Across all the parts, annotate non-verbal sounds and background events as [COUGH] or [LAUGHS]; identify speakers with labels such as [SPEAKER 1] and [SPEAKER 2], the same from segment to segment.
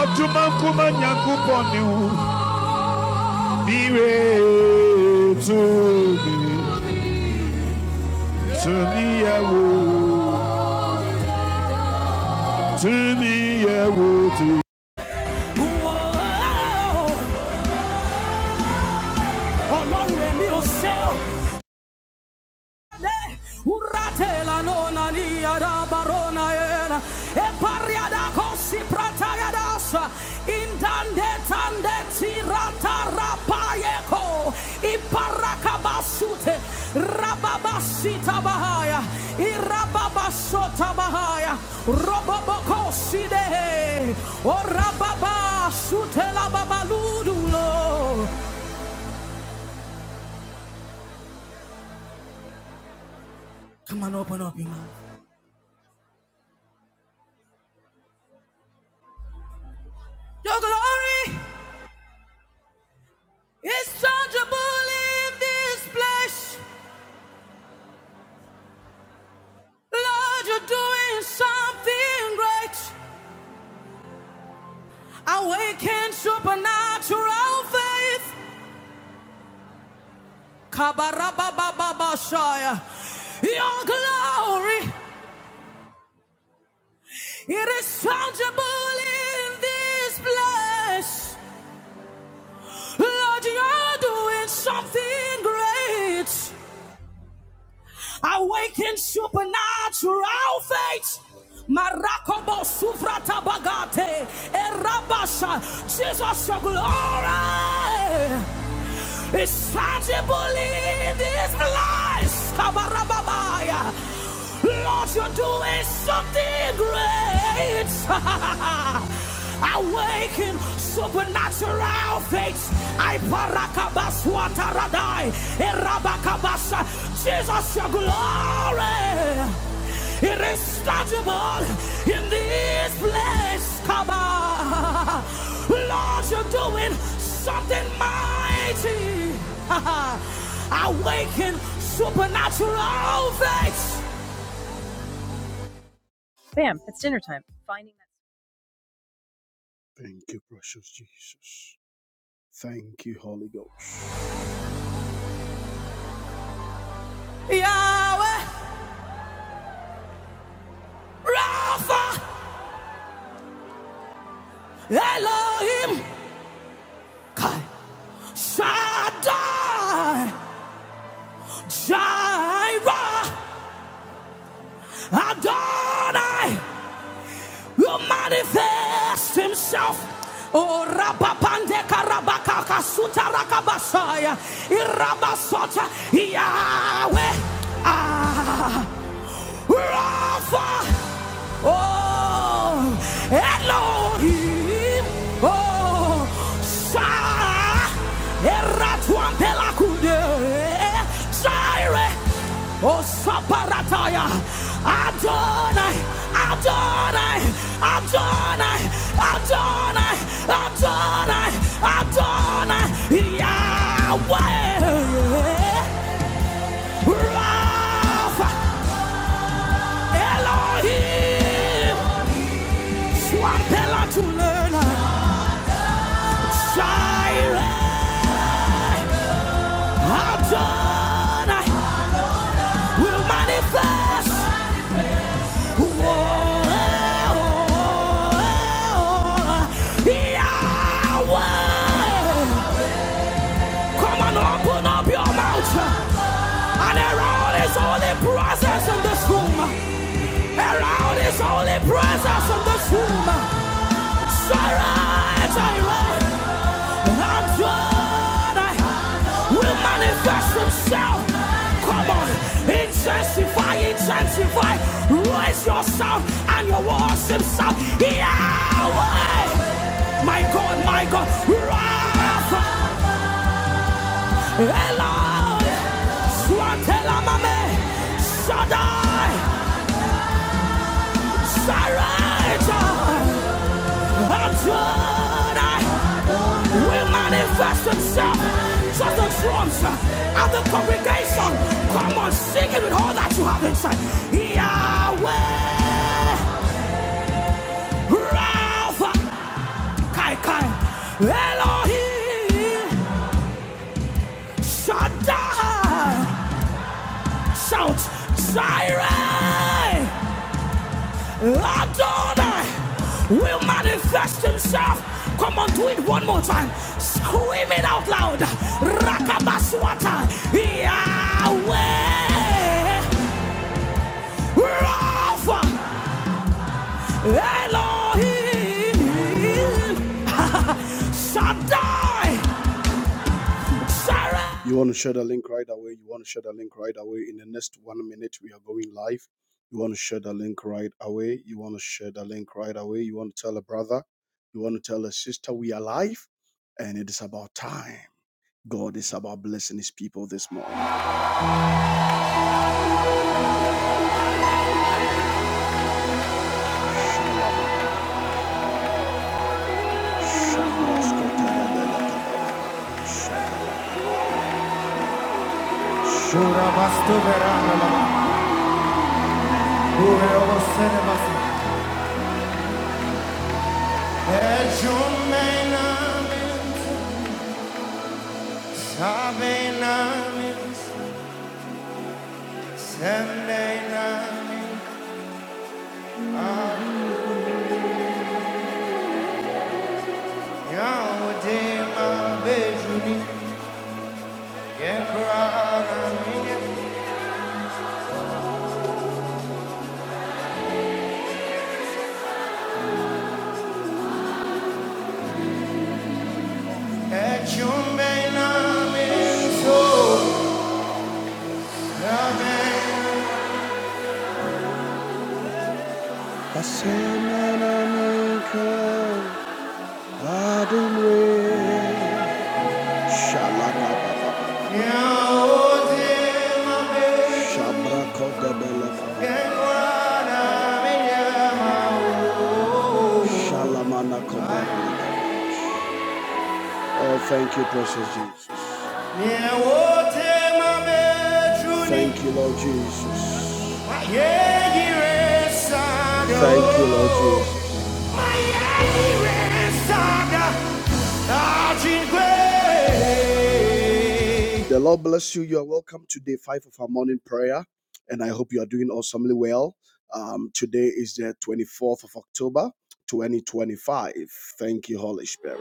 [SPEAKER 1] Ọdúnmọ́kúmọ́ nyankúpọ̀ ni me, níwè túnmí Uratela nona nia da barona era e paria cosi prataya dasa intande tande tirata rapayeko i parakabasute rababasita bahaya i rababasota bahaya robobokosi de o rababasute la babaludulo come on open up your mouth your glory It's tangible in this place. Lord, you're doing something great. Awaken supernatural faith. Kabarabababashaya. Your glory, it is tangible in this place. Lord, you're doing something great. Awaken supernatural faith. Marakobo sufrata bagate. Erabasha. Jesus, your glory is tangible in this place. Kabarababaya. Lord, you're doing something great. [LAUGHS] Awaken supernatural faith. I parakabaswataradai. Erabakabasa. Jesus, your glory. It is tangible in this place. Come Lord, you're doing something mighty. [LAUGHS] Awaken supernatural faith. you, precious Jesus. Yahweh, Rapha, Elohim, Kai, Shaddai, Jireh, Adonai, who manifests himself. Oh, Rabapande Karabaka Kasuta Rakabasaya, Irabasota, Yahweh, ah. Rafa, oh, Elohim, oh, Sarah, Eratuan Pelacude, Zaire, oh, Saparataya, Adonai, Adonai, Adonai, Adonai, Adonai, Adonai, Yahweh, Rafa. Elohim, Swapela to learn, Shire, Adon, will manifest. Oh, oh, oh, oh, Yahweh. Come and open up your mouth. And around is only presence in this room. Around is only presence in this room. Sirens, sirens, I'm God. will manifest Himself. Come on, intensify, intensify. Raise your sound and your worship sound. Yahweh, my God, my God. Rapha, Eloi, Swatelamame, Shaddai, Sarah. Adonai will manifest itself. Just the drums uh, of the congregation. Come on, sing it with all that you have inside. Yahweh, Rapha, Kai Kai, Elohim, Shaddai, shout, Jireh. Adonai will manifest himself. Come on, do it one more time. Scream it out loud. Rakabaswata. Yahweh. Rapha. Elohim. [LAUGHS] Shaddai. Sarah. You want to share the link right away. You want to share the link right away. In the next one minute, we are going live. You want to share the link right away. You want to share the link right away. You want to tell a brother. You want to tell a sister we are live. And it is about time. God is about blessing his people this morning. [LAUGHS] Oh, thank you, precious Jesus. Yeah, oh, Thank you, Lord Jesus. yeah, yeah, Thank you, Lord Jesus. yeah, yeah, The Lord bless you. You are welcome to day five of our morning prayer, and I hope you are doing awesomely well. Um, today is the 24th of October, 2025. Thank you, Holy Spirit.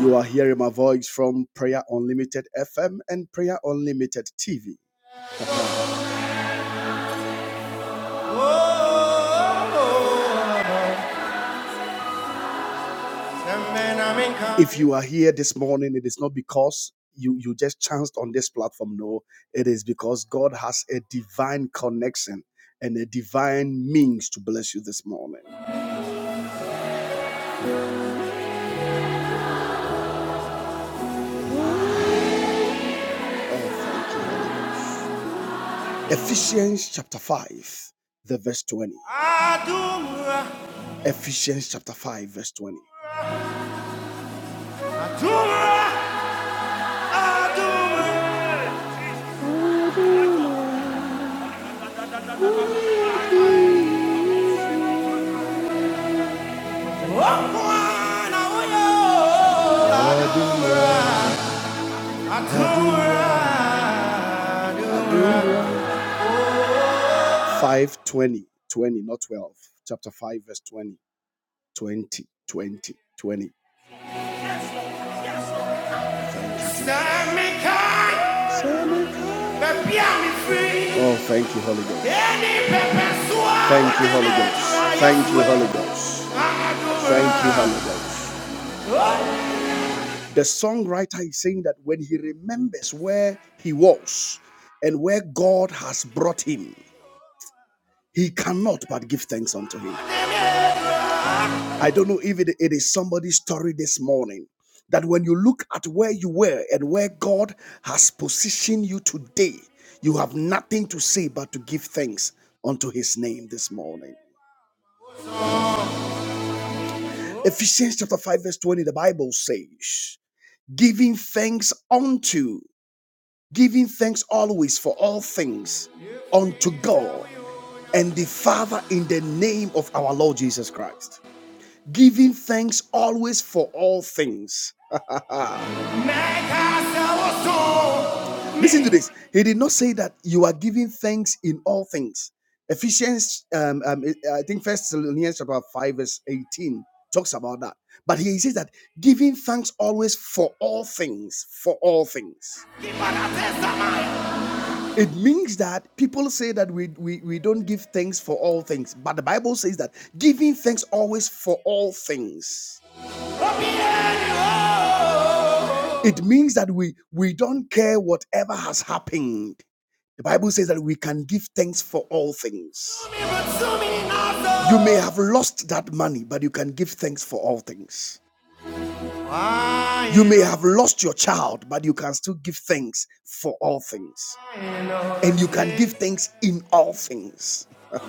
[SPEAKER 1] You are hearing my voice from Prayer Unlimited FM and Prayer Unlimited TV. If you are here this morning, it is not because you, you just chanced on this platform. No, it is because God has a divine connection and a divine means to bless you this morning. Oh, thank you, Ephesians chapter 5, the verse 20. Ephesians chapter 5, verse 20. Five twenty, twenty, not 12 chapter 5 verse 20 20 twenty, twenty. oh thank you holy ghost thank you holy ghost thank you holy ghost thank you holy ghost The songwriter is saying that when he remembers where he was and where God has brought him, he cannot but give thanks unto him. I don't know if it, it is somebody's story this morning that when you look at where you were and where God has positioned you today, you have nothing to say but to give thanks unto his name this morning. Ephesians chapter 5, verse 20, the Bible says, giving thanks unto. giving thanks always for all things unto God and the Father in the name of our Lord Jesus Christ. Giving thanks always for all things. Listen to this. He did not say that you are giving thanks in all things. Ephesians, um, um, I think First Thessalonians chapter five verse eighteen talks about that. But here he says that giving thanks always for all things, for all things. It means that people say that we, we, we don't give thanks for all things, but the Bible says that giving thanks always for all things. It means that we, we don't care whatever has happened. The Bible says that we can give thanks for all things. You may have lost that money, but you can give thanks for all things. You may have lost your child, but you can still give thanks for all things and you can give thanks in all things. [LAUGHS]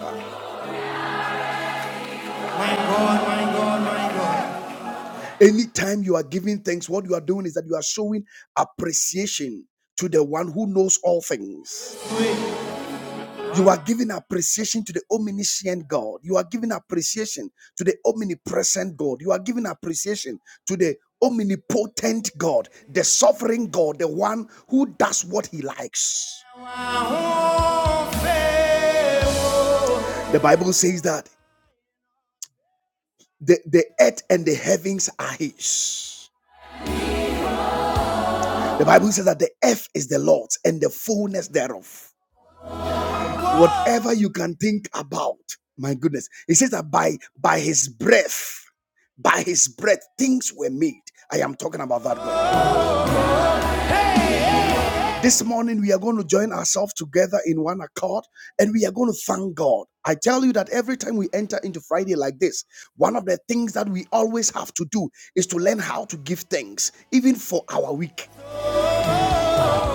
[SPEAKER 1] My my my God, God, God. Anytime you are giving thanks, what you are doing is that you are showing appreciation to the one who knows all things. You are giving appreciation to the omniscient God. You are giving appreciation to the omnipresent God. You are giving appreciation to the omnipotent God, the sovereign God, the one who does what he likes. The Bible says that. The, the earth and the heavens are his. The Bible says that the earth is the Lord's and the fullness thereof. Whatever you can think about, my goodness. It says that by by his breath, by his breath, things were made. I am talking about that God. This morning we are going to join ourselves together in one accord and we are going to thank God. I tell you that every time we enter into Friday like this, one of the things that we always have to do is to learn how to give thanks, even for our week.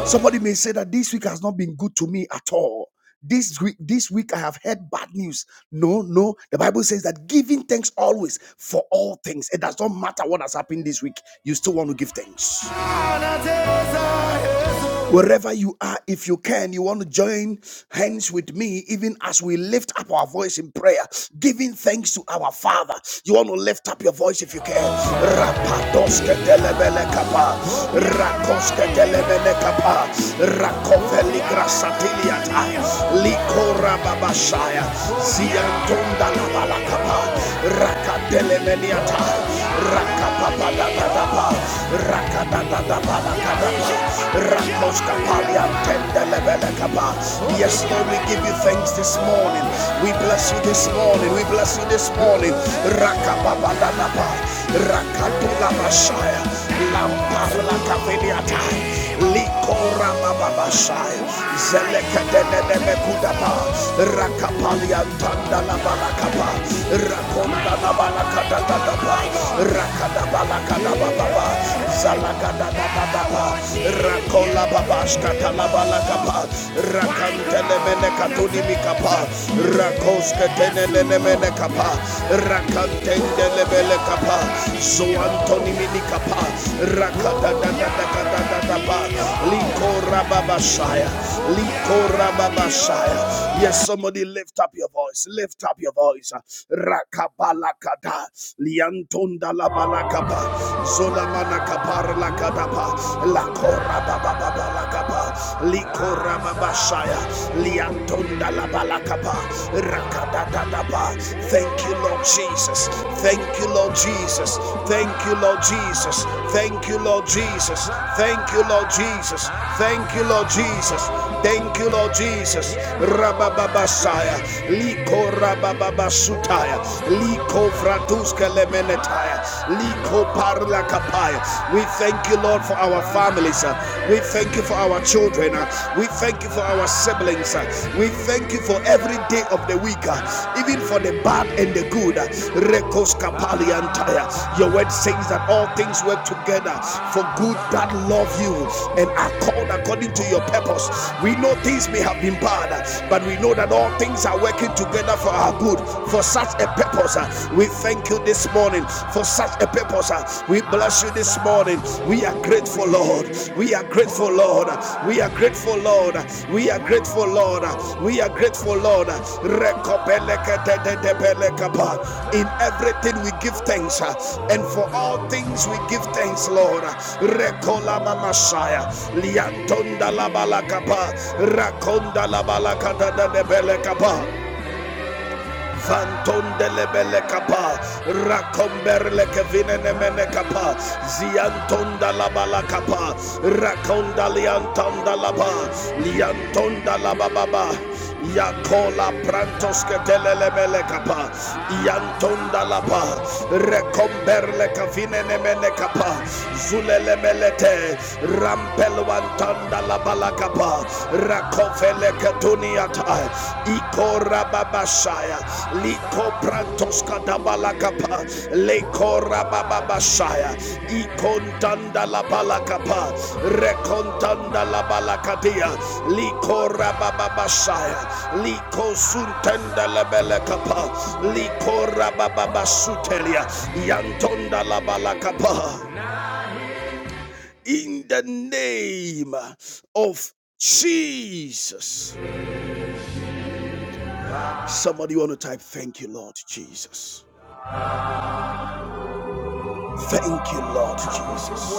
[SPEAKER 1] Somebody may say that this week has not been good to me at all. This week, this week I have heard bad news. No, no. The Bible says that giving thanks always for all things. It does not matter what has happened this week. You still want to give thanks. Wherever you are, if you can, you want to join hands with me, even as we lift up our voice in prayer, giving thanks to our Father. You want to lift up your voice if you can. Rapadoske telebele kapa, rakoske telebele kapa, rakoveli grasatiliata, likora babashaya, ziantonda la balakapa, rakatelemeniata. Rakapapadadadaba, rakadadadabalakadaba, rakoskapaliantendelebelekaba. Yes, Lord, we give you thanks this morning. We bless you this morning. We bless you this morning. Rakapapadadaba, rakatulabashaya, lamparlakaveliatai, Kora Baba Bashai, Zelekadebekudaba, Rakapalia Tanda Nabalakapa, Rakonda Nabalakadadaba, Rakadabalakadababa, Zalakadababa, Rakola Babashka Kalabalakapa, Rakantelebelekatudimikapa, Rakoska Tenenemenekapa, Rakantendelebelekapa, so antoni minikapa rakadadadadadadadaba likora likorababashaya yes somebody lift up your voice lift up your voice rakabalakada liantunda la liantondalabalakapa zolamanakaparlakadapa liantunda la liantondalabalakapa Thank you, Lord Jesus. Thank you, Lord Jesus. Thank you, Lord Jesus. Thank you, Lord Jesus. Thank you, Lord Jesus. Thank you, Lord Jesus. Thank you, Lord Jesus. Rabababasaya. Liko rabababasutaya. Liko vratuska lemenetaya. Liko parla kapaya. We thank you, Lord, for our families. We thank thank you for our children. uh, We thank you for our siblings. uh, We thank you for every day of the week, uh, even for the bad and the good. uh, Rekos kapali antaya. Your word says that all things work together for good that love you and are called according to your purpose. We know things may have been bad, uh, but we know that all things are working together for our good, for such a purpose. uh. We thank you this morning for such such a purpose. uh. We bless you this morning. We are grateful, Lord. We are grateful, Lord. We are grateful, Lord. We are grateful, Lord. We are grateful, Lord. Rekopelekatedebelekapa. In everything we give thanks, uh, and for all things we give thanks, Lord. Rekolama Messiah. Liantonda la balakapa. Rakonda la balakata de belekapa. Vantondelebele kapa, rakomberle kevine nemene kapa, ziantonda labala kapa, rakonda liantonda laba, liantonda labababa, yakola prantos ketelelebele kapa, yantonda laba, rekomberle kevine nemene kapa, zulelemelete, rampelwantonda labala kapa, rakofele ketuniata iko rababashaya liko prantos kadabalakapa leko rabababashaya ikontanda labalakapa rekontanda labalakadia liko rabababashaya liko suntenda lebelekapa liko rabababasutelia yantonda labalakapa in the name of Jesus. Somebody want to type, Thank you, Lord Jesus. Thank you, Lord Jesus.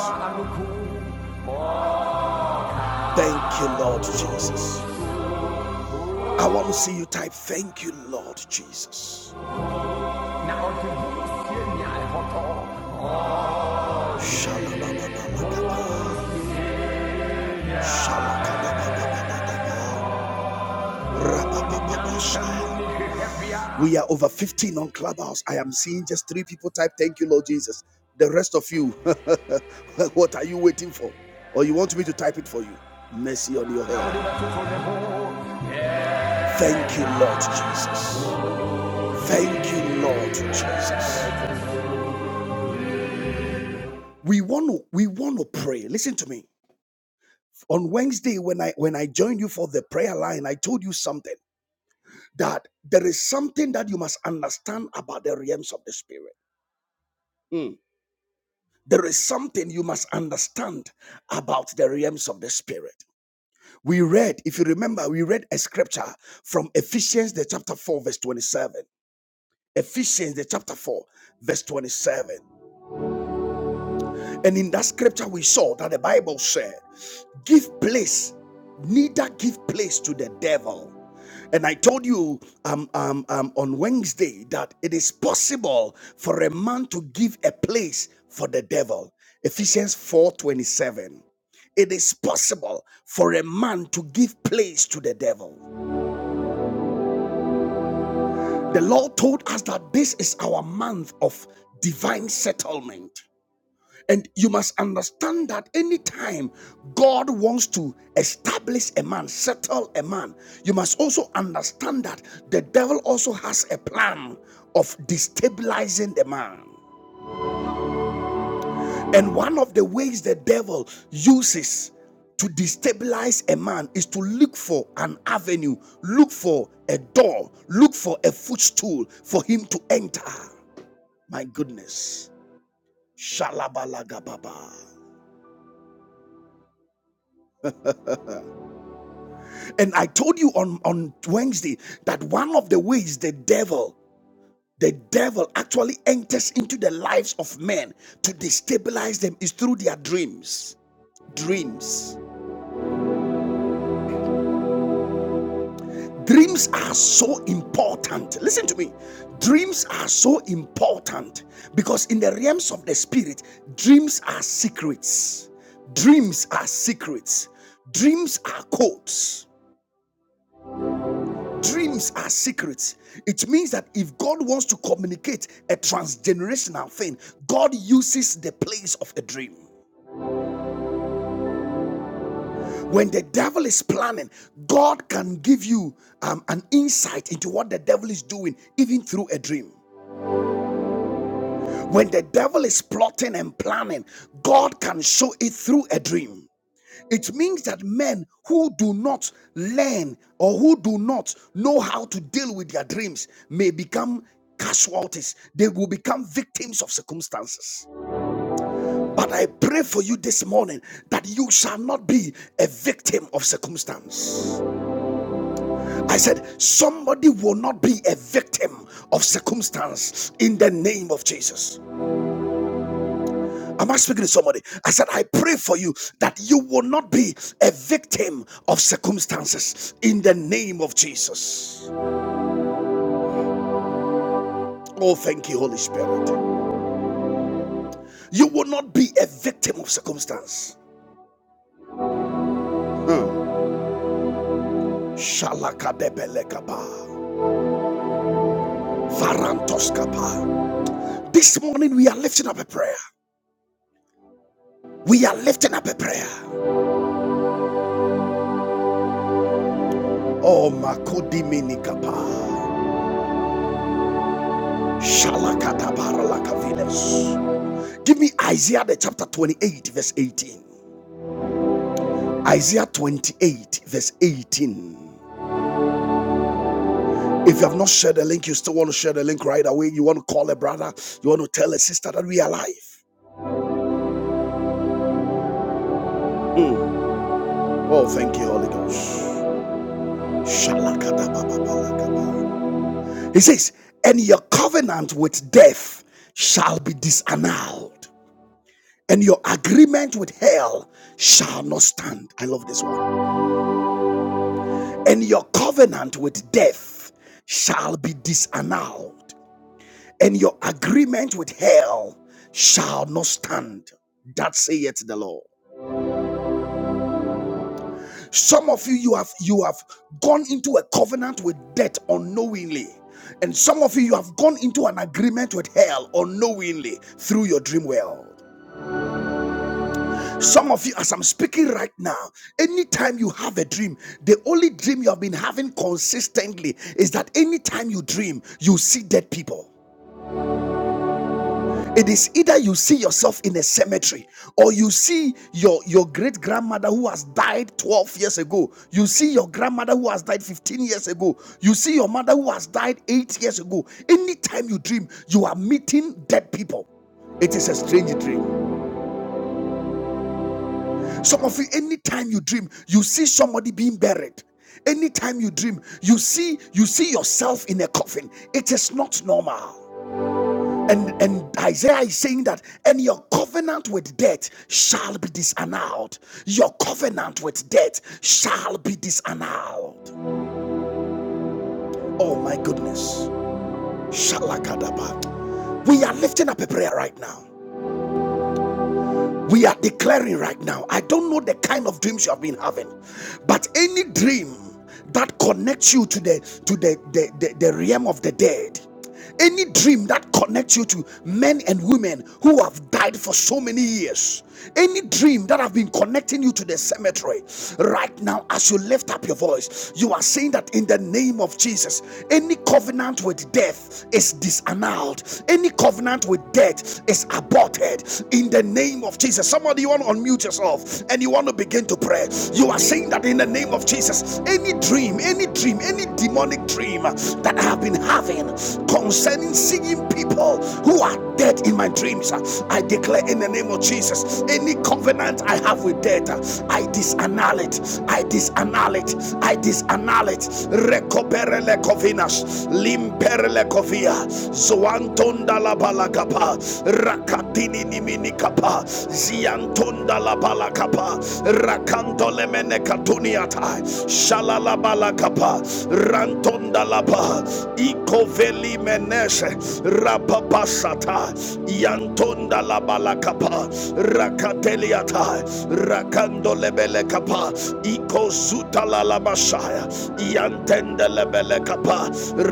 [SPEAKER 1] Thank you, Lord Jesus. I want to see you type, Thank you, Lord Jesus. We are over 15 on Clubhouse. I am seeing just three people type, Thank you, Lord Jesus. The rest of you, [LAUGHS] what are you waiting for? Or you want me to type it for you? Mercy on your head. Thank you, Lord Jesus. Thank you, Lord Jesus. We want to we want to pray. Listen to me. On Wednesday, when I when I joined you for the prayer line, I told you something that there is something that you must understand about the realms of the spirit. Mm. There is something you must understand about the realms of the spirit. We read, if you remember, we read a scripture from Ephesians the chapter 4, verse 27. Ephesians the chapter 4, verse 27. And in that scripture, we saw that the Bible said. give place neither give place to the devil and i told you um, um, um, on wednesday that it is possible for a man to give a place for the devil ephesians four twenty it is possible for a man to give place to the devil the lord told us that this is our month of divine settlement And you must understand that anytime God wants to establish a man, settle a man, you must also understand that the devil also has a plan of destabilizing the man. And one of the ways the devil uses to destabilize a man is to look for an avenue, look for a door, look for a footstool for him to enter. My goodness. Shalabalagababa. And I told you on, on Wednesday that one of the ways the devil, the devil actually enters into the lives of men to destabilize them is through their dreams. Dreams. Dreams are so important. Listen to me. Dreams are so important because in the realms of the spirit, dreams are secrets. Dreams are secrets. Dreams are codes. Dreams are secrets. It means that if God wants to communicate a transgenerational thing, God uses the place of a dream. When the devil is planning, God can give you um, an insight into what the devil is doing, even through a dream. When the devil is plotting and planning, God can show it through a dream. It means that men who do not learn or who do not know how to deal with their dreams may become casualties. They will become victims of circumstances. But I pray for you this morning that you shall not be a victim of circumstance. I said, somebody will not be a victim of circumstance in the name of Jesus. Am I speaking to somebody? I said, I pray for you that you will not be a victim of circumstances in the name of Jesus. Oh, thank you, Holy Spirit. You will not be a victim of circumstance. Hmm. This morning we are lifting up a prayer. We are lifting up a prayer. Oh, Makodiminikapa. Shalakadabaralakavines. Give me Isaiah the chapter 28, verse 18. Isaiah 28, verse 18. If you have not shared the link, you still want to share the link right away. You want to call a brother, you want to tell a sister that we are alive. Mm. Oh, thank you, Holy Ghost. He says, And your covenant with death shall be disannuled, and your agreement with hell shall not stand. I love this one. And your covenant with death shall be disannuled and your agreement with hell shall not stand. That saith the Lord. Some of you, you have you have gone into a covenant with death unknowingly, and some of you, you have gone into an agreement with hell unknowingly through your dream world. Some of you, as I'm speaking right now, anytime you have a dream, the only dream you have been having consistently is that anytime you dream, you see dead people. It is either you see yourself in a cemetery or you see your, your great grandmother who has died 12 years ago. You see your grandmother who has died 15 years ago. You see your mother who has died 8 years ago. Anytime you dream, you are meeting dead people. It is a strange dream. Some of you, anytime you dream, you see somebody being buried. Anytime you dream, you see you see yourself in a coffin. It is not normal. And, and Isaiah is saying that, and your covenant with death shall be disannulled. Your covenant with death shall be disannulled. Oh my goodness. Shalakadaba. We are lifting up a prayer right now. We are declaring right now. I don't know the kind of dreams you have been having, but any dream that connects you to the to the the, the, the realm of the dead. Any dream that connects you to men and women who have died for so many years, any dream that have been connecting you to the cemetery, right now, as you lift up your voice, you are saying that in the name of Jesus, any covenant with death is disannulled, any covenant with death is aborted, in the name of Jesus. Somebody, you want to unmute yourself and you want to begin to pray. You are saying that in the name of Jesus, any dream, any dream, any demonic dream that I have been having concerning seeing people who are dead in my dreams, I declare in the name of Jesus, any covenant I have with death, I disannul it. I disannul it. I disannul it. Recoperele covinas, limperele covia, zoantonda la balagapa, rakatini nimini kapa ziantonda la bala kapa rakanto lemene katuniata shalala bala kapa rantonda la ba ikoveli meneshe rapapasata yantonda la bala kapa rakateliata rakando lebele kapa ikozuta la la bashaya yantende lebele kapa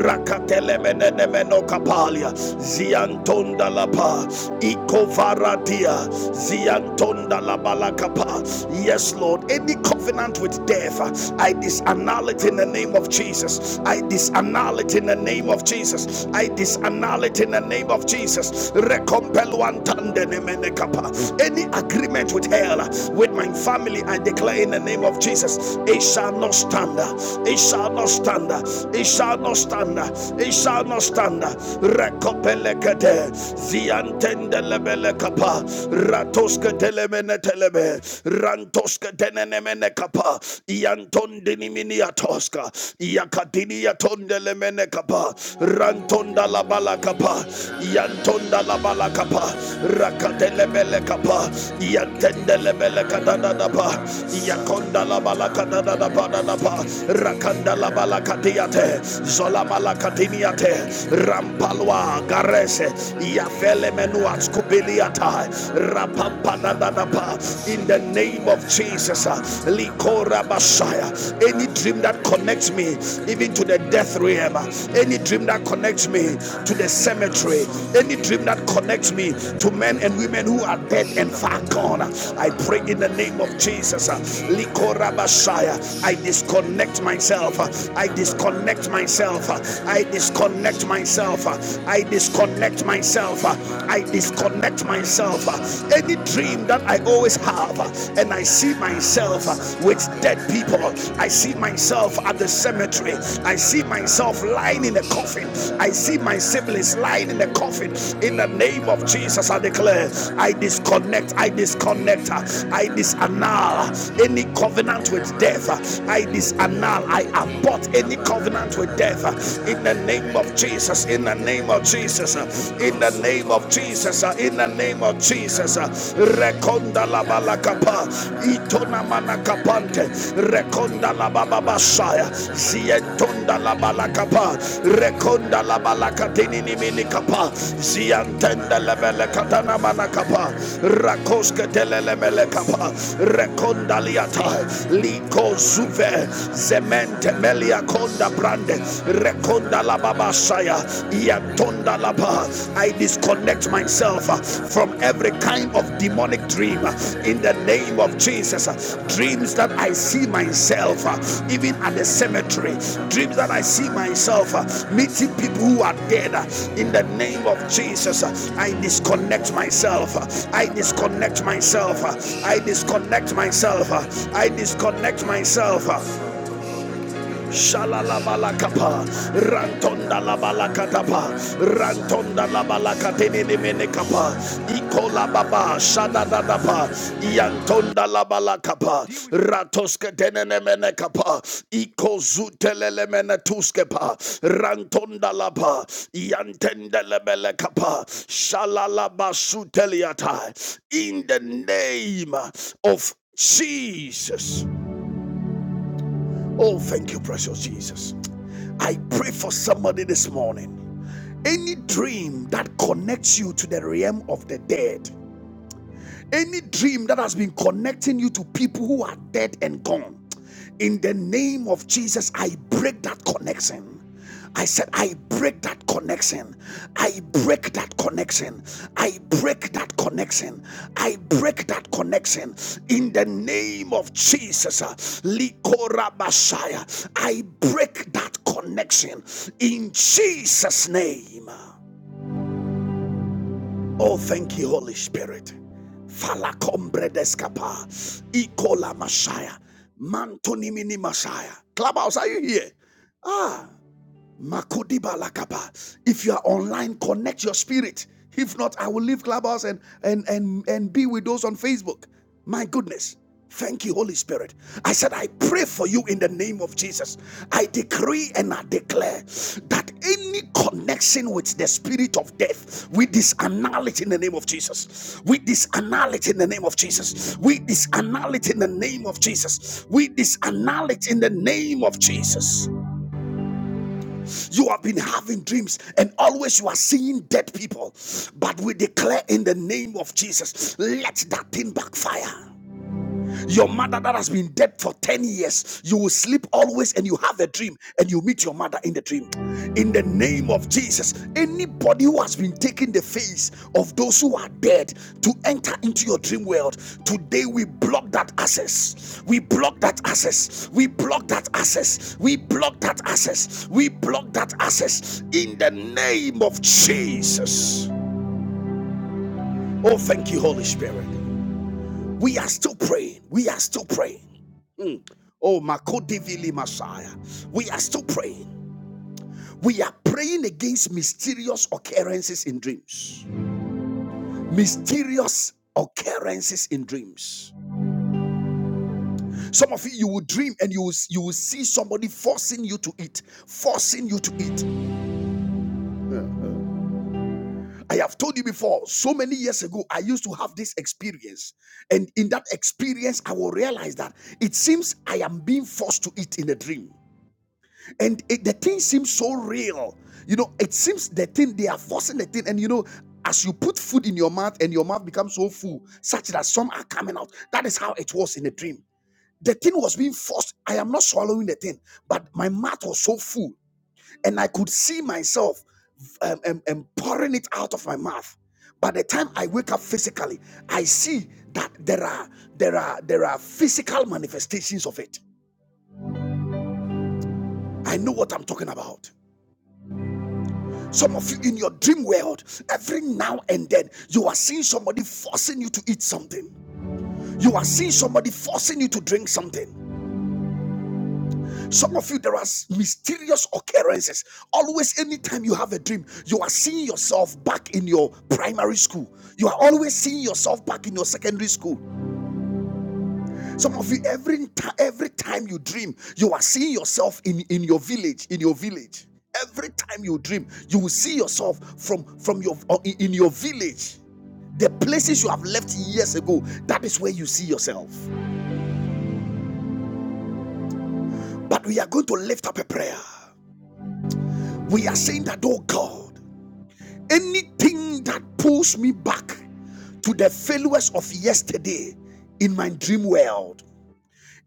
[SPEAKER 1] rakatele menene meno kapalia zianto ziantonda lapa ikovaradia ziantonda la balakapa yes lord any covenant with death i disannul it in the name of jesus i disannul it in the name of jesus i disannul it in the name of jesus Rekompeluantande nemenekapa. any agreement with hell with my family i declare in the name of jesus it shall not stand it shall not stand it shall not stand it shall not stand Lekopelekete, Ziantende Lebele Kappa, Ratoska Telemene Telebe, Rantoska Tenenemene Kappa, Iantondini Miniatoska, Iacadini Atonde Lemene Kappa, Rantonda Labala Kappa, Iantonda Labala Kappa, Rakatelebele Kappa, Iantende Lebele Kadadadapa, Iaconda Labala Kadadadapa, Rakanda Labala Katiate, Zola Malakatiniate, Rampalwa Garese Yafele Menua Skubiliata Rapampanadadapa in the name of Jesus uh, Likora Messiah any dream that connects me even to the death realm uh, any dream that connects me to the cemetery any dream that connects me to men and women who are dead and far gone uh, I pray in the name of Jesus uh, Likora Messiah I disconnect myself uh, I disconnect myself uh, I disconnect myself. I disconnect myself. I disconnect myself. Any dream that I always have, and I see myself with dead people. I see myself at the cemetery. I see myself lying in a coffin. I see my siblings lying in a coffin. In the name of Jesus, I declare, I disconnect. I disconnect. I disannul any covenant with death. I disannul. I abort any covenant covenant with death uh, in the name of Jesus, in the name of Jesus, uh, in the name of Jesus, uh, in the name of Jesus. uh, Rekonda la balakapa, itona manakapante, rekonda la bababasaya, zientonda la balakapa, rekonda la balakatini niminikapa, ziantenda la belekatana manakapa, rakoske telelemelekapa, rekonda liata, liko zuve, zemente Emelia Konda Brande Rekonda la Baba Shaya Iatonda la Ba. I disconnect myself uh, from every kind of demonic dream uh, in the name of Jesus. Uh, Dreams that I see myself uh, even at the cemetery, dreams that I see myself uh, meeting people who are dead uh, in the name of Jesus. Uh, I disconnect myself. Uh, I disconnect myself. Uh, I disconnect myself. Uh, I disconnect myself. Shalalabalakapa, Rantonda Labalakatapa, Rantonda Labalakatiniminekapa, Ikola Baba, Shadadadapa, Yantonda Labalakapa, Ratoske Tenenemenekapa, Ikozutelemenetuskepa, Rantonda Lapa, Yantendelebelekapa, Shalalabasuteliata, in the name of Jesus. Oh, thank you, precious Jesus. I pray for somebody this morning. Any dream that connects you to the realm of the dead, any dream that has been connecting you to people who are dead and gone, in the name of Jesus, I break that connection. I said, I break that connection. I break that connection. I break that connection. I break that connection in the name of Jesus. uh, Likora Messiah. I break that connection in Jesus' name. Oh, thank you, Holy Spirit. Falacombre descapa. Icola Mashaya. Mantonimini Mashaya. Clubhouse, are you here? Ah, Makodiba lakapa. If you are online, connect your spirit. If not, I will leave Clubhouse and and and and be with those on Facebook. My goodness. Thank you, Holy Spirit. I said, I pray for you in the name of Jesus. I decree and I declare that any connection with the spirit of death, we disannul it in the name of Jesus. We disannul it in the name of Jesus. We disannul it in the name of Jesus. We disannul it in the name of Jesus. You have been having dreams and always you are seeing dead people. But we declare in the name of Jesus, let that thing backfire. Your mother that has been dead for 10 years, you will sleep always and you have a dream and you meet your mother in the dream. In the name of Jesus, anybody who has been taking the face of those who are dead to enter into your dream world, today we block that access. We block that access. We block that access. We block that access. We block that access in the name of Jesus. Oh, thank you, Holy Spirit. We are still praying. We are still praying. Oh, Makodivili Messiah. We are still praying. We are praying against mysterious occurrences in dreams. Mysterious occurrences in dreams. Some of you, you will dream and you will, you will see somebody forcing you to eat, forcing you to eat. I have told you before, so many years ago, I used to have this experience. And in that experience, I will realize that it seems I am being forced to eat in a dream. and it, the thing seems so real you know it seems the thing they are forcing the thing and you know as you put food in your mouth and your mouth becomes so full such that some are coming out that is how it was in the dream the thing was being forced i am not swallowing the thing but my mouth was so full and i could see myself um, um, um, pouring it out of my mouth by the time i wake up physically i see that there are there are there are physical manifestations of it i know what i'm talking about Some of you in your dream world, every now and then, you are seeing somebody forcing you to eat something. You are seeing somebody forcing you to drink something. Some of you, there are mysterious occurrences. Always, anytime you have a dream, you are seeing yourself back in your primary school. You are always seeing yourself back in your secondary school. Some of you, every every time you dream, you are seeing yourself in in your village. In your village every time you dream you will see yourself from from your uh, in your village The places you have left years ago, that is where you see yourself. But we are going to lift up a prayer. We are saying that, oh God, anything that pulls me back to the failures of yesterday in my dream world,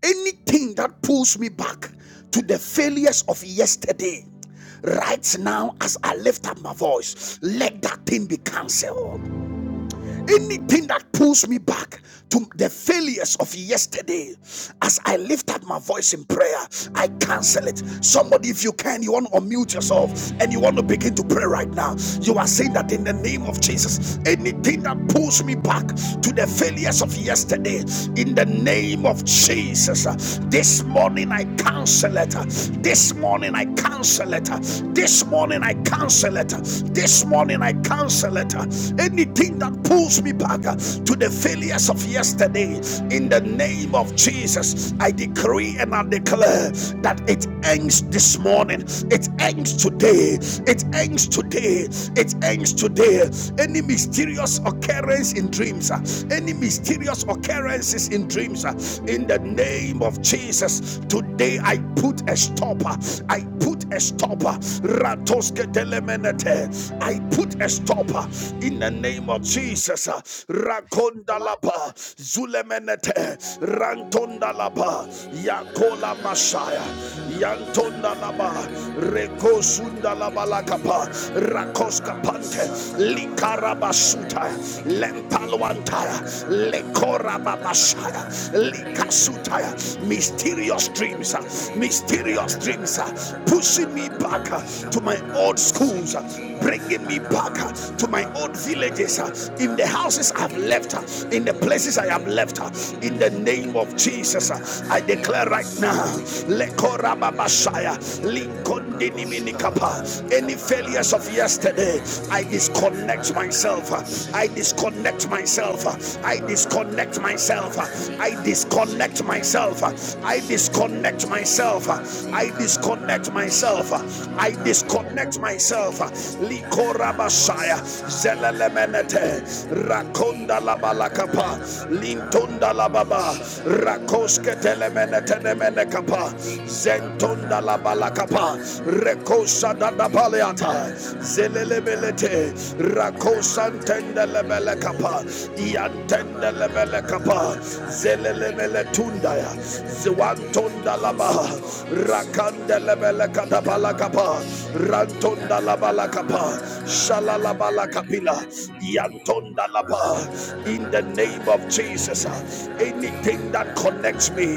[SPEAKER 1] anything that pulls me back to the failures of yesterday right now as I lift up my voice, let that thing be cancelled. Anything that pulls me back to the failures of yesterday, as I lift up my voice in prayer, I cancel it. Somebody, if you can, you want to unmute yourself and you want to begin to pray right now. You are saying that in the name of Jesus, anything that pulls me back to the failures of yesterday, in the name of Jesus, uh, this morning I cancel it. Uh, This morning I cancel it. Uh, This morning I cancel it. Uh, This morning I cancel it. Uh, anything that pulls me back uh, to the failures of yesterday, in the name of Jesus, I decree and I declare that it ends this morning, it ends today, it ends today, it ends today. Any mysterious occurrence in dreams, uh, any mysterious occurrences in dreams, uh, in the name of Jesus, today I put a stopper, I put a stopper. I put a stopper up uh, in the name of Jesus. uh, Rakondalaba Zulemenete Rantondalaba Yakola Mashaya Yantondalaba Rekosundalabalakapa Rakoskapante Likarabasuta Lempalwantaya Lekorababashaya Likasutaya Mysterious dreams, uh, mysterious dreams uh, pushing me back uh, to my old schools. uh, breaking bringing me back uh, to my own villages, uh, in the houses I've left, uh, in the places I have left. uh, In the name of Jesus, uh, I declare right now, Lekorababashaya, Linkondiniminikapa, any failures of yesterday, I disconnect myself. uh, I disconnect myself. uh, I disconnect myself. uh, I disconnect myself. uh, I disconnect myself. uh, I disconnect myself. uh, I disconnect myself yourself. Likorabashaya, Zelelemenete, Rakonda Labalakapa, Lintunda Lababa, Rakoske Telemenete Nemenekapa, Zentunda Labalakapa, Rekosa Dadabaleata, Zelelemelete, Rakosantende Lebelekapa, Iantende Lebelekapa, Zelelemeletundaya, Zwantunda Labaha, Rakande lebelekata balakapa. Rantonda Labalakapa, Shalalabalakapila, Yantonda Laba. In the name of Jesus, uh, anything that connects me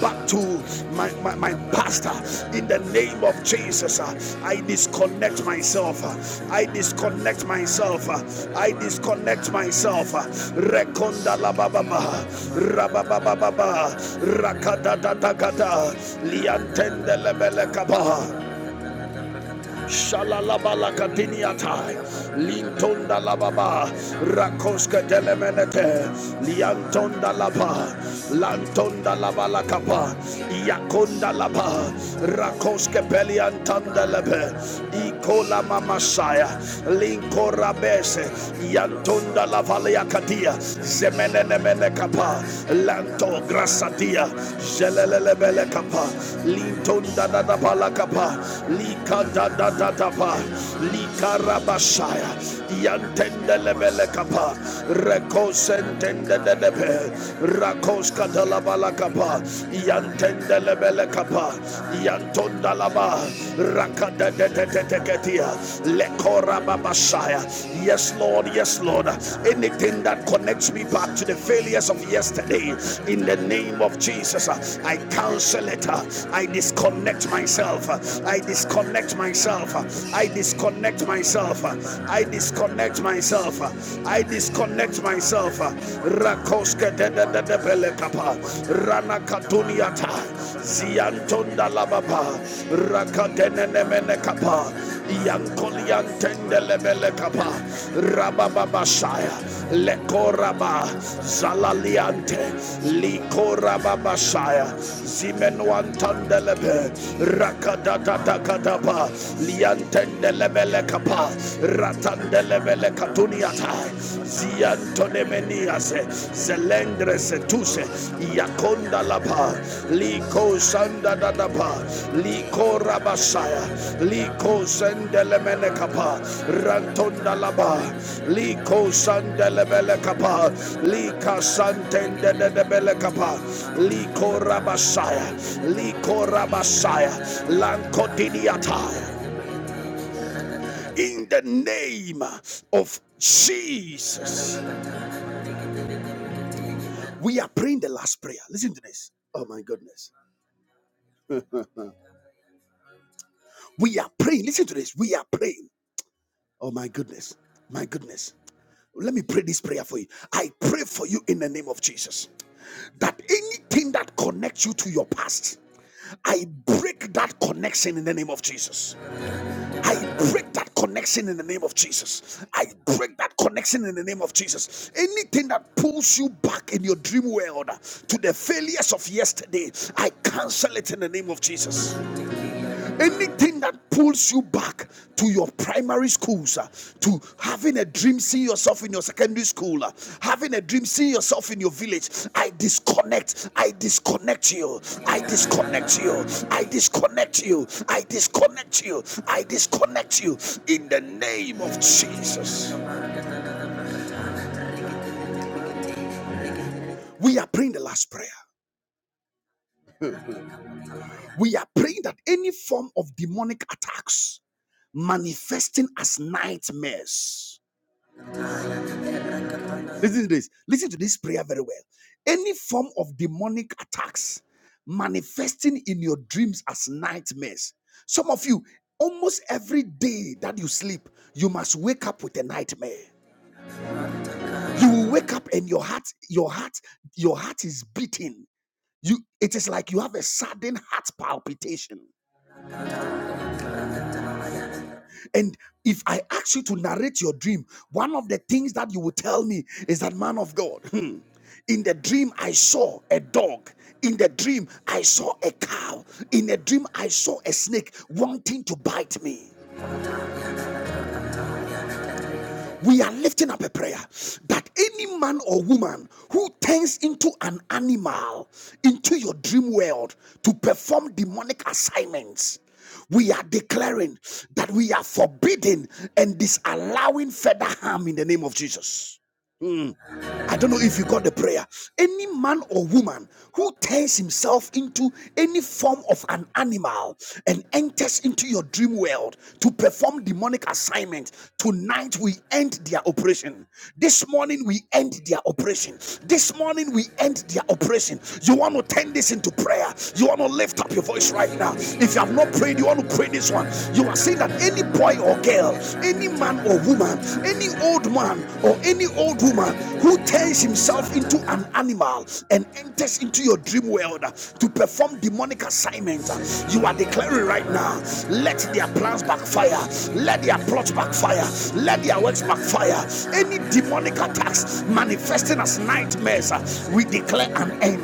[SPEAKER 1] back to my, my, my pastor, in the name of Jesus, uh, I disconnect myself. uh, I disconnect myself. uh, I disconnect myself. uh, Rekonda Labababa, Rabababa, Rakadadadagada, Liantende Lebelekaba. Shalalaba lakadiniata, lintonda lababa, rakoska delemenete, liantonda laba, lantonda laba lakapa, iakonda laba, rakoske peliantanda lebe, ikola mamasaya, linkorabese, yantonda lavaliakadia, zemenenemene kapa, lanto grasadia, zelelelebele kapa, lintonda dadabala kapa, likadada da da da pa likarabashaya yantendelebele kapa rekosentendelebe rakos katalabala kapa yantendelebele kapa yantondalaba rakadedededeketia lekorababashaya yes lord yes lord anything that connects me back to the failures of yesterday in the name of jesus i cancel it i disconnect myself i disconnect myself myself. I disconnect myself. I disconnect myself. I disconnect myself. Rakoske de de de de belekapa. Rana katuniata. Ziantonda lababa. Rakatene nemene kapa. Yankoliantende lebele kapa. Lekoraba. Zalaliante. Likoraba shaya. Zimenuantandelebe. Rakadadadakadaba liantende lebele kapa ratande lebele katuniata ziantone meniase zelendre setuse yakonda lapa liko sanda dadapa liko rabasaya liko sende lemene kapa rantonda laba liko sande lebele kapa lika santende lebele kapa liko rabasaya liko rabasaya lankodidiata in the name of Jesus. We are praying the last prayer. Listen to this. Oh my goodness. We are praying. Listen to this. We are praying. Oh my goodness. My goodness. Let me pray this prayer for you. I pray for you in the name of Jesus that anything that connects you to your past, I break that connection in the name of Jesus. I break that connection in the name of Jesus. I break that connection in the name of Jesus. Anything that pulls you back in your dream world to the failures of yesterday, I cancel it in the name of Jesus. Anything that pulls you back to your primary schools, uh, to having a dream, see yourself in your secondary school, uh, having a dream, see yourself in your village. I disconnect. I disconnect you. I disconnect you. I disconnect you. I disconnect you. I disconnect you. In the name of Jesus. We are praying the last prayer. We are praying that any form of demonic attacks manifesting as nightmares Listen to this. Listen to this prayer very well. Any form of demonic attacks manifesting in your dreams as nightmares. Some of you, almost every day that you sleep, you must wake up with a nightmare. You will wake up and your heart, your heart, your heart is beating. You it is like you have a sudden heart palpitation. And if I ask you to narrate your dream, one of the things that you will tell me is that, man of God, hmm, in the dream, I saw a dog. In the dream, I saw a cow. In a dream, I saw a snake wanting to bite me. we are lifting up a prayer that any man or woman who turns into an animal into your dream world to perform demonic assignments we are declaring that we are forbidding and disallowing further harm in the name of Jesus. I don't know if you got the prayer. Any man or woman who turns himself into any form of an animal and enters into your dream world to perform demonic assignment, tonight we end their operation. This morning we end their operation. This morning we end their operation. You want to turn this into prayer. You want to lift up your voice right now. If you have not prayed, you want to pray this one. You are saying that any boy or girl, any man or woman or woman, any old man or any old woman who turns himself into an animal and enters into your dream world to perform demonic assignments, you are declaring right now, let their plans backfire, let their plots backfire, let their works backfire. Any demonic attacks manifesting as nightmares, we declare an end.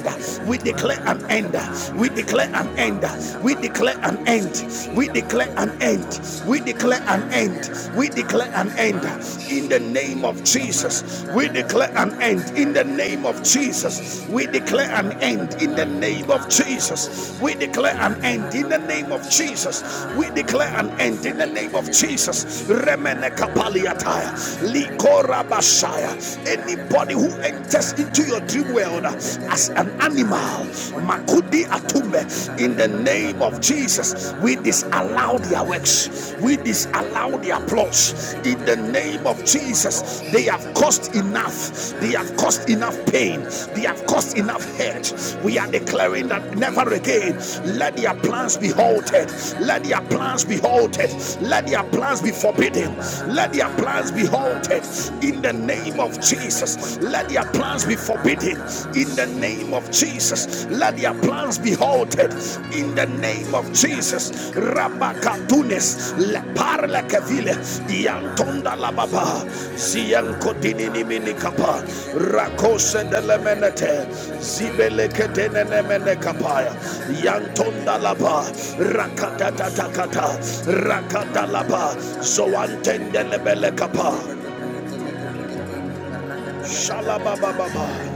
[SPEAKER 1] We declare an end. We declare an end. We declare an end. We declare declare an end. We declare an end. We declare an end in the name of Jesus. We declare an end in the name of Jesus. We declare an end in the name of Jesus. We declare an end in the name of Jesus. We declare an end in the name of Jesus. Remene kapaliataya, likora bashaya. Anybody who enters into your dream world as an animal, makut Di Atumbe. In the name of Jesus, we disallow their works, we disallow their plots. In the name of Jesus, they have caused enough, they have caused enough pain, they have caused enough hurt. We are declaring that never again let their plans be halted, let their plans be halted, let their plans be forbidden, let their plans be halted. In the name of Jesus, let their plans be forbidden in the name of Jesus. Let their plans be halted in the name of Jesus. Rabakatunes le parle kevile yantonda la baba ziyankodini ni minikapa rakose de lemenete zibele kedene nemene kapaya yantonda la ba rakatata takata rakata la ba zoantende lebele kapa shalababa baba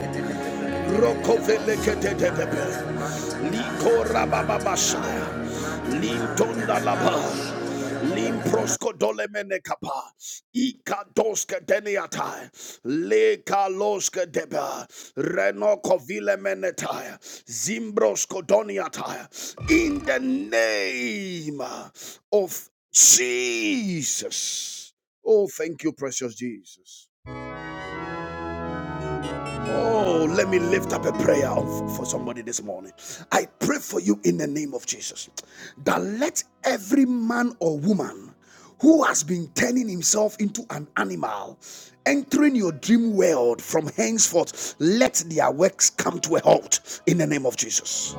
[SPEAKER 1] Rokoveleketetepe. Likorabababashaya. Lintondalaba. Limproscodolemenekapa. Ikadoske deniata. Lekaloske deba. Renokovilemenetaya. Zimbroskodiata. In the name of Jesus. Oh, thank you, precious Jesus. Oh, let me lift up a prayer for somebody this morning. I pray for you in the name of Jesus that let every man or woman who has been turning himself into an animal entering your dream world from henceforth, let their works come to a halt in the name of Jesus.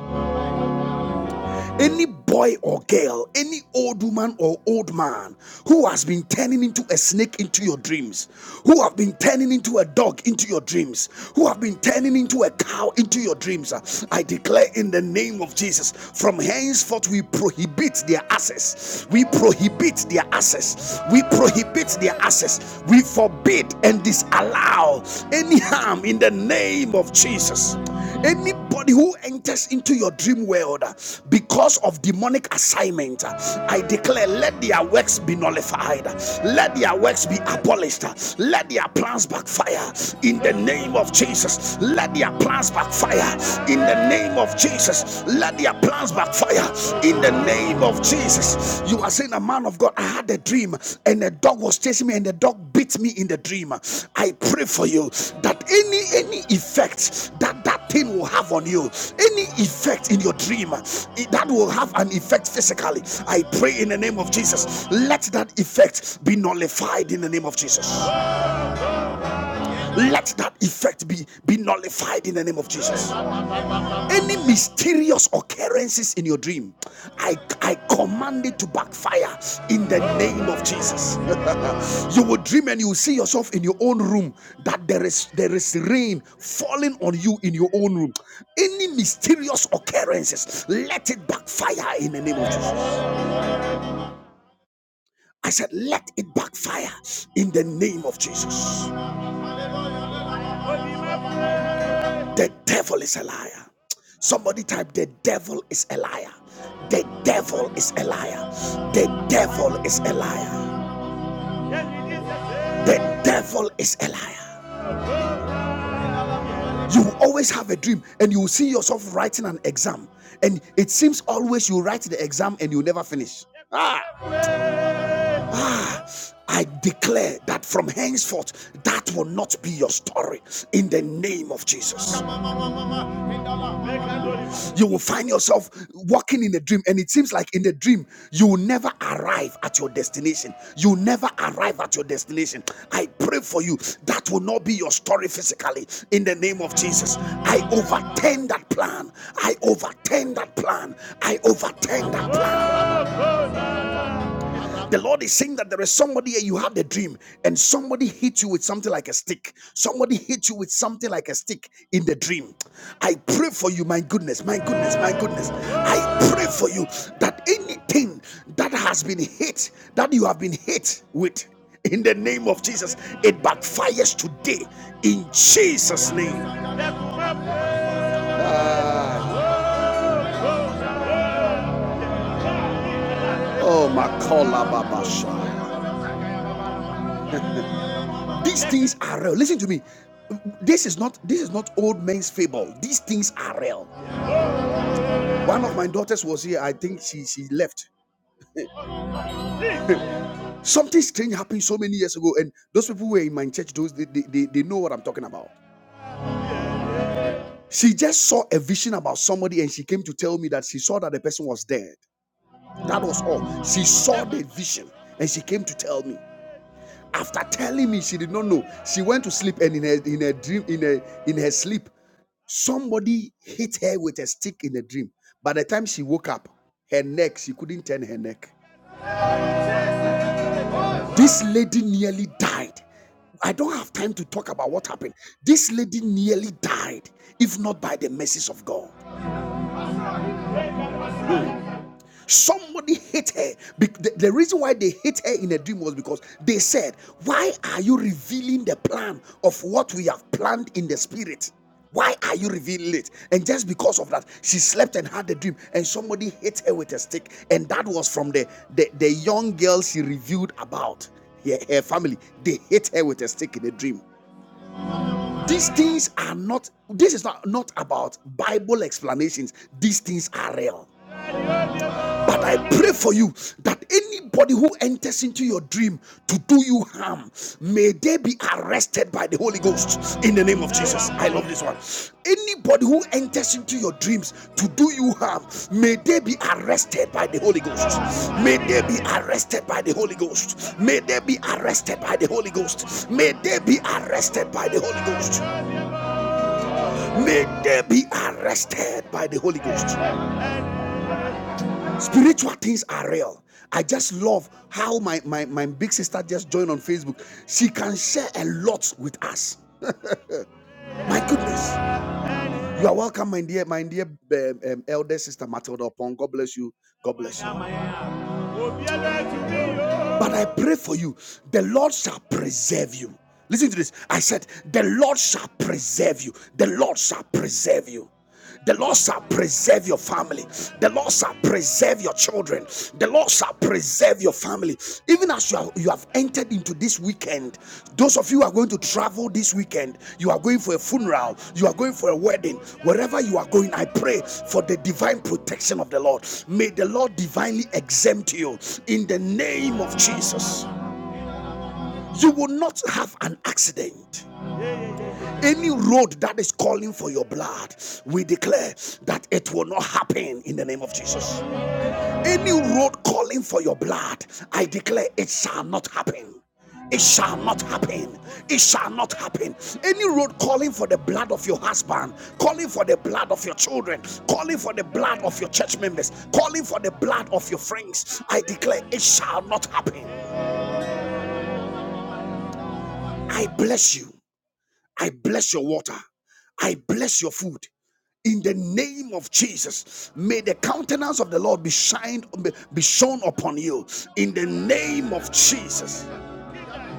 [SPEAKER 1] Any boy or girl, any old woman or old man who has been turning into a snake into your dreams, who have been turning into a dog into your dreams, who have been turning into a cow into your dreams, uh, I declare in the name of Jesus, from henceforth we prohibit their access. We prohibit their access. We prohibit their access. We forbid and disallow any harm in the name of Jesus. Any somebody who enters into your dream world uh, because of demonic assignment, uh, I declare let their works be nullified, let their works be abolished, uh, let their plans backfire in the name of Jesus. Let their plans backfire in the name of Jesus. Let their plans backfire in the name of Jesus. You are saying, A man of God, I had a dream and a dog was chasing me and the dog beat me in the dream. I pray for you that any any effect that that thing will have on you, any effect in your dream that will have an effect physically. I pray in the name of Jesus. Let that effect be nullified in the name of Jesus. Let that effect be, be nullified in the name of Jesus any mysterious occurrences in your dream i i command it to backfire in the name of jesus [LAUGHS] you will dream and you will see yourself in your own room that there is there is rain falling on you in your own room any mysterious occurrences let it backfire in the name of jesus i said let it backfire in the name of jesus The devil is a liar. Somebody type, The devil is a liar. The devil is a liar. The devil is a liar. The devil is a liar. You will always have a dream and you will see yourself writing an exam. And it seems always you write the exam and you never finish. Ah. Ah, I declare that from henceforth, that will not be your story in the name of Jesus. You will find yourself walking in a dream, and it seems like in the dream, you will never arrive at your destination. You will never arrive at your destination. I pray for you. That will not be your story physically in the name of Jesus. I overturn that plan. I overturn that plan. I overturn that plan. The Lord is saying that there is somebody here, you have the dream, and somebody hit you with something like a stick. Somebody hit you with something like a stick in the dream. I pray for you, my goodness, my goodness, my goodness. I pray for you that anything that has been hit, that you have been hit with, in the name of Jesus, it backfires today in Jesus' name. Ah, oh, my call, Baba Shai. These things are real. Listen to me. This is not this is not old men's fable. These things are real. One of my daughters was here. I think she she left. Something strange happened so many years ago, and those people who were in my church, those they, they, they, they know what I'm talking about. She just saw a vision about somebody, and she came to tell me that she saw that the person was dead. That was all. She saw the vision, and she came to tell me. After telling me she did not know, she went to sleep and in her in her dream in her in her sleep, somebody hit her with a stick in a dream. By the time she woke up, her neck she couldn't turn her neck. This lady nearly died. I don't have time to talk about what happened. This lady nearly died, if not by the mercies of God. Somebody hit her. The the reason why they hit her in a dream was because they said, Why are you revealing the plan of what we have planned in the spirit? Why are you revealing it? And just because of that, she slept and had a dream, and somebody hit her with a stick. And that was from the, the, the young girl she revealed about her, her family. They hit her with a stick in a dream. These things are not, this is not, not about Bible explanations. These things are real. But I pray for you that anybody who enters into your dream to do you harm, may they be arrested by the Holy Ghost in the name of Jesus. I love this one. Anybody who enters into your dreams to do you harm, may they be arrested by the Holy Ghost. May they be arrested by the Holy Ghost. May they be arrested by the Holy Ghost. May they be arrested by the Holy Ghost. May they be arrested by the Holy Ghost. Spiritual things are real. I just love how my, my, my big sister just joined on Facebook. She can share a lot with us. My goodness. You are welcome, my dear, my dear um, um, elder sister Matilda Upon. God bless you. God bless you. But I pray for you. The Lord shall preserve you. Listen to this. I said, The Lord shall preserve you. The Lord shall preserve you. The Lord shall preserve your family. The Lord shall preserve your children. The Lord shall preserve your family. Even as you have, you have entered into this weekend those of you who are going to travel this weekend you are going for a funeral you are going for a wedding wherever you are going i pray for the divine protection of the lord may the lord divinely exempt you in the name of jesus you will not have an accident any road that is calling for your blood we declare that it will not happen in the name of jesus any road calling for your blood, I declare it shall not happen. It shall not happen. It shall not happen. Any road calling for the blood of your husband, calling for the blood of your children, calling for the blood of your church members, calling for the blood of your friends, I declare it shall not happen. I bless you. I bless your water. I bless your food. In the name of Jesus, may the countenance of the Lord be shined, be shown upon you. In the name of Jesus,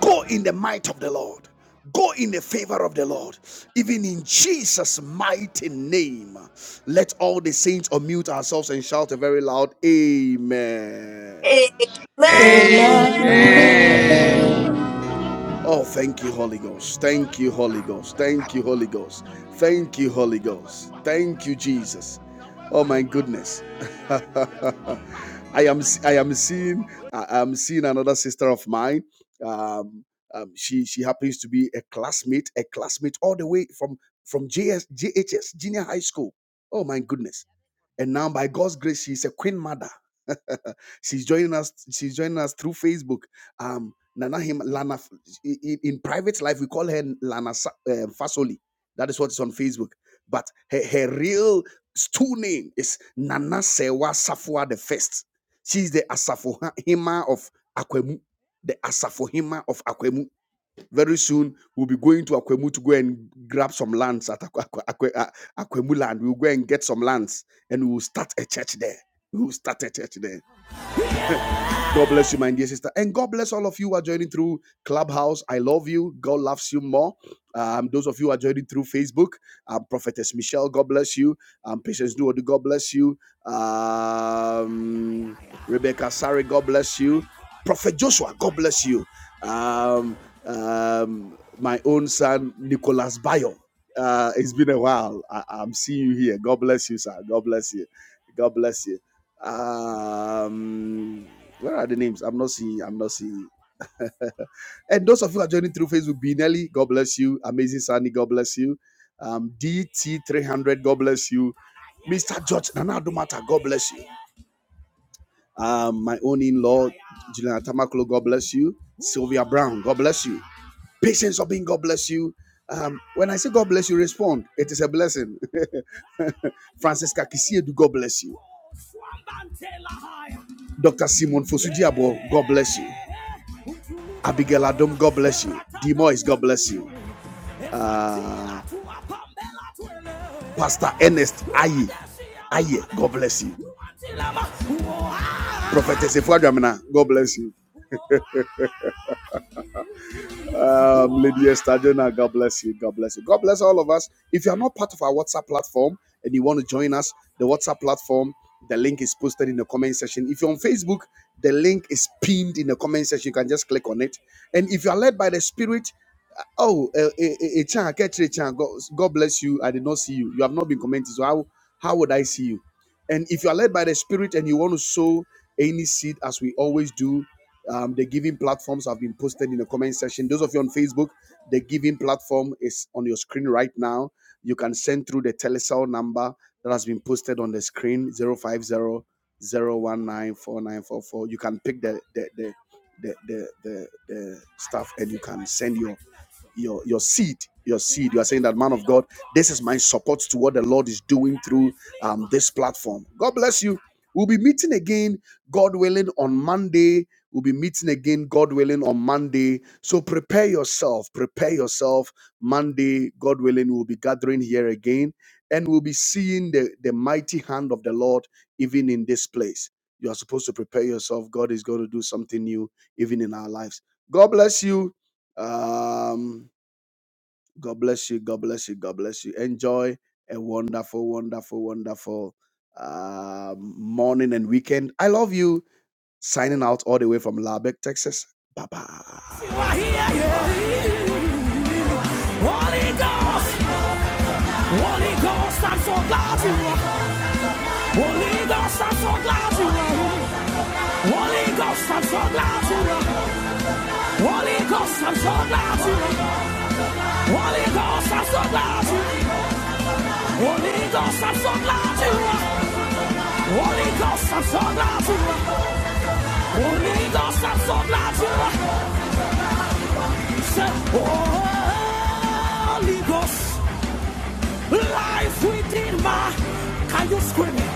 [SPEAKER 1] go in the might of the Lord. Go in the favor of the Lord. Even in Jesus' mighty name, let all the saints unmute ourselves and shout a very loud Amen.
[SPEAKER 2] Amen.
[SPEAKER 3] Amen.
[SPEAKER 4] Amen.
[SPEAKER 5] Amen.
[SPEAKER 6] Amen.
[SPEAKER 1] Oh, thank you, Holy Ghost. Thank you, Holy Ghost. Thank you, Holy Ghost. Thank you, Holy Ghost. Thank you, Jesus. Oh my goodness. [LAUGHS] I am I am seeing I am seeing another sister of mine. Um, um, she she happens to be a classmate, a classmate all the way from from JS, JHS junior high school. Oh my goodness. And now by God's grace, she's a queen mother. [LAUGHS] she's joining us, she's joining us through Facebook um Nana him Lana F- i- i- in private life we call her Lana Sa- uh, Fasoli. That is what is on Facebook. But her, her real true name is Nana Sewa Safwa the First. She's the Asafohima of Akwemu. The Asafohima of Akwemu. Very soon we'll be going to Akwemu to go and grab some lands at Akwe, Akwe, Akwe- A- Akwemu land. We'll go and get some lands and we'll start a church there. We'll start a church there. God bless you, my dear sister. And God bless all of you who are joining through Clubhouse. I love you. God loves you more. Um, those of you who are joining through Facebook, um, Prophetess Michelle, God bless you. Um, Patience Nuodu, God bless you. Um, Rebecca Sari, God bless you. Prophet Joshua, God bless you. Um, um, my own son, Nicholas Bayo. Uh, it's been a while. I, I'm seeing you here. God bless you, sir. God bless you. God bless you. Um, where are the names? I'm not seeing. I'm not seeing. [LAUGHS] and those of you who are joining through Facebook, Binelli, God bless you. Amazing Sunny, God bless you. Um, DT300, God bless you. Mr. George Nana Dumata, God bless you. Um, my own in-law, Juliana Tamakolo, God bless you. Sylvia Brown, God bless you. Patience Obin, God bless you. Um, when I say God bless you, respond. It is a blessing. [LAUGHS] Francisca Kisiedu, God bless you. Dr. Simon fosu Fosudiabo, God bless you. Abigail Adam, God bless you. D Moyes, God bless you. Uh, Pastor Ernest Aye, Aye, God bless you. Prophetess Efuadramina, God bless you. Um, Lady Estadiona, God bless you. God bless you. God bless all of us. If you are not part of our WhatsApp platform and you want to join us, the WhatsApp platform, the link is posted in the comment section. If you're on Facebook, the link is pinned in the comment section. You can just click on it. And if you are led by the Spirit, uh, oh, uh, eh, eh, eh, Chan, God, God bless you. I did not see you. You have not been commenting. So how how would I see you? And if you are led by the Spirit and you want to sow any seed, as we always do, um, the giving platforms have been posted in the comment section. Those of you on Facebook, the giving platform is on your screen right now. You can send through the telecell number that has been posted on the screen zero five zero zero one nine four nine four four. You can pick the the the the the, the, the stuff and you can send your your your seed your seed you are saying that man of god this is my support to what the lord is doing through um, this platform god bless you we'll be meeting again god willing on monday we'll be meeting again god willing on monday so prepare yourself prepare yourself monday god willing we'll be gathering here again and we'll be seeing the, the mighty hand of the lord even in this place you are supposed to prepare yourself god is going to do something new even in our lives god bless you um God bless you. God bless you. God bless you. Enjoy a wonderful, wonderful, wonderful uh, morning and weekend. I love you. Signing out all the way from Lubbock, Texas. Bye bye. You are here, yeah. Holy Ghost. Holy Ghost, I'm so glad you are. Holy Ghost, I'm so glad you are. Holy Ghost, I'm so glad you are. Holy Ghost, I'm so glad you are. Holy Ghost, I'm so glad you are. Holy Ghost, I'm so glad you are. Holy Ghost, I'm so glad you. Holy Ghost, I'm so glad you. Say, Holy Ghost, life within my. Can you scream it?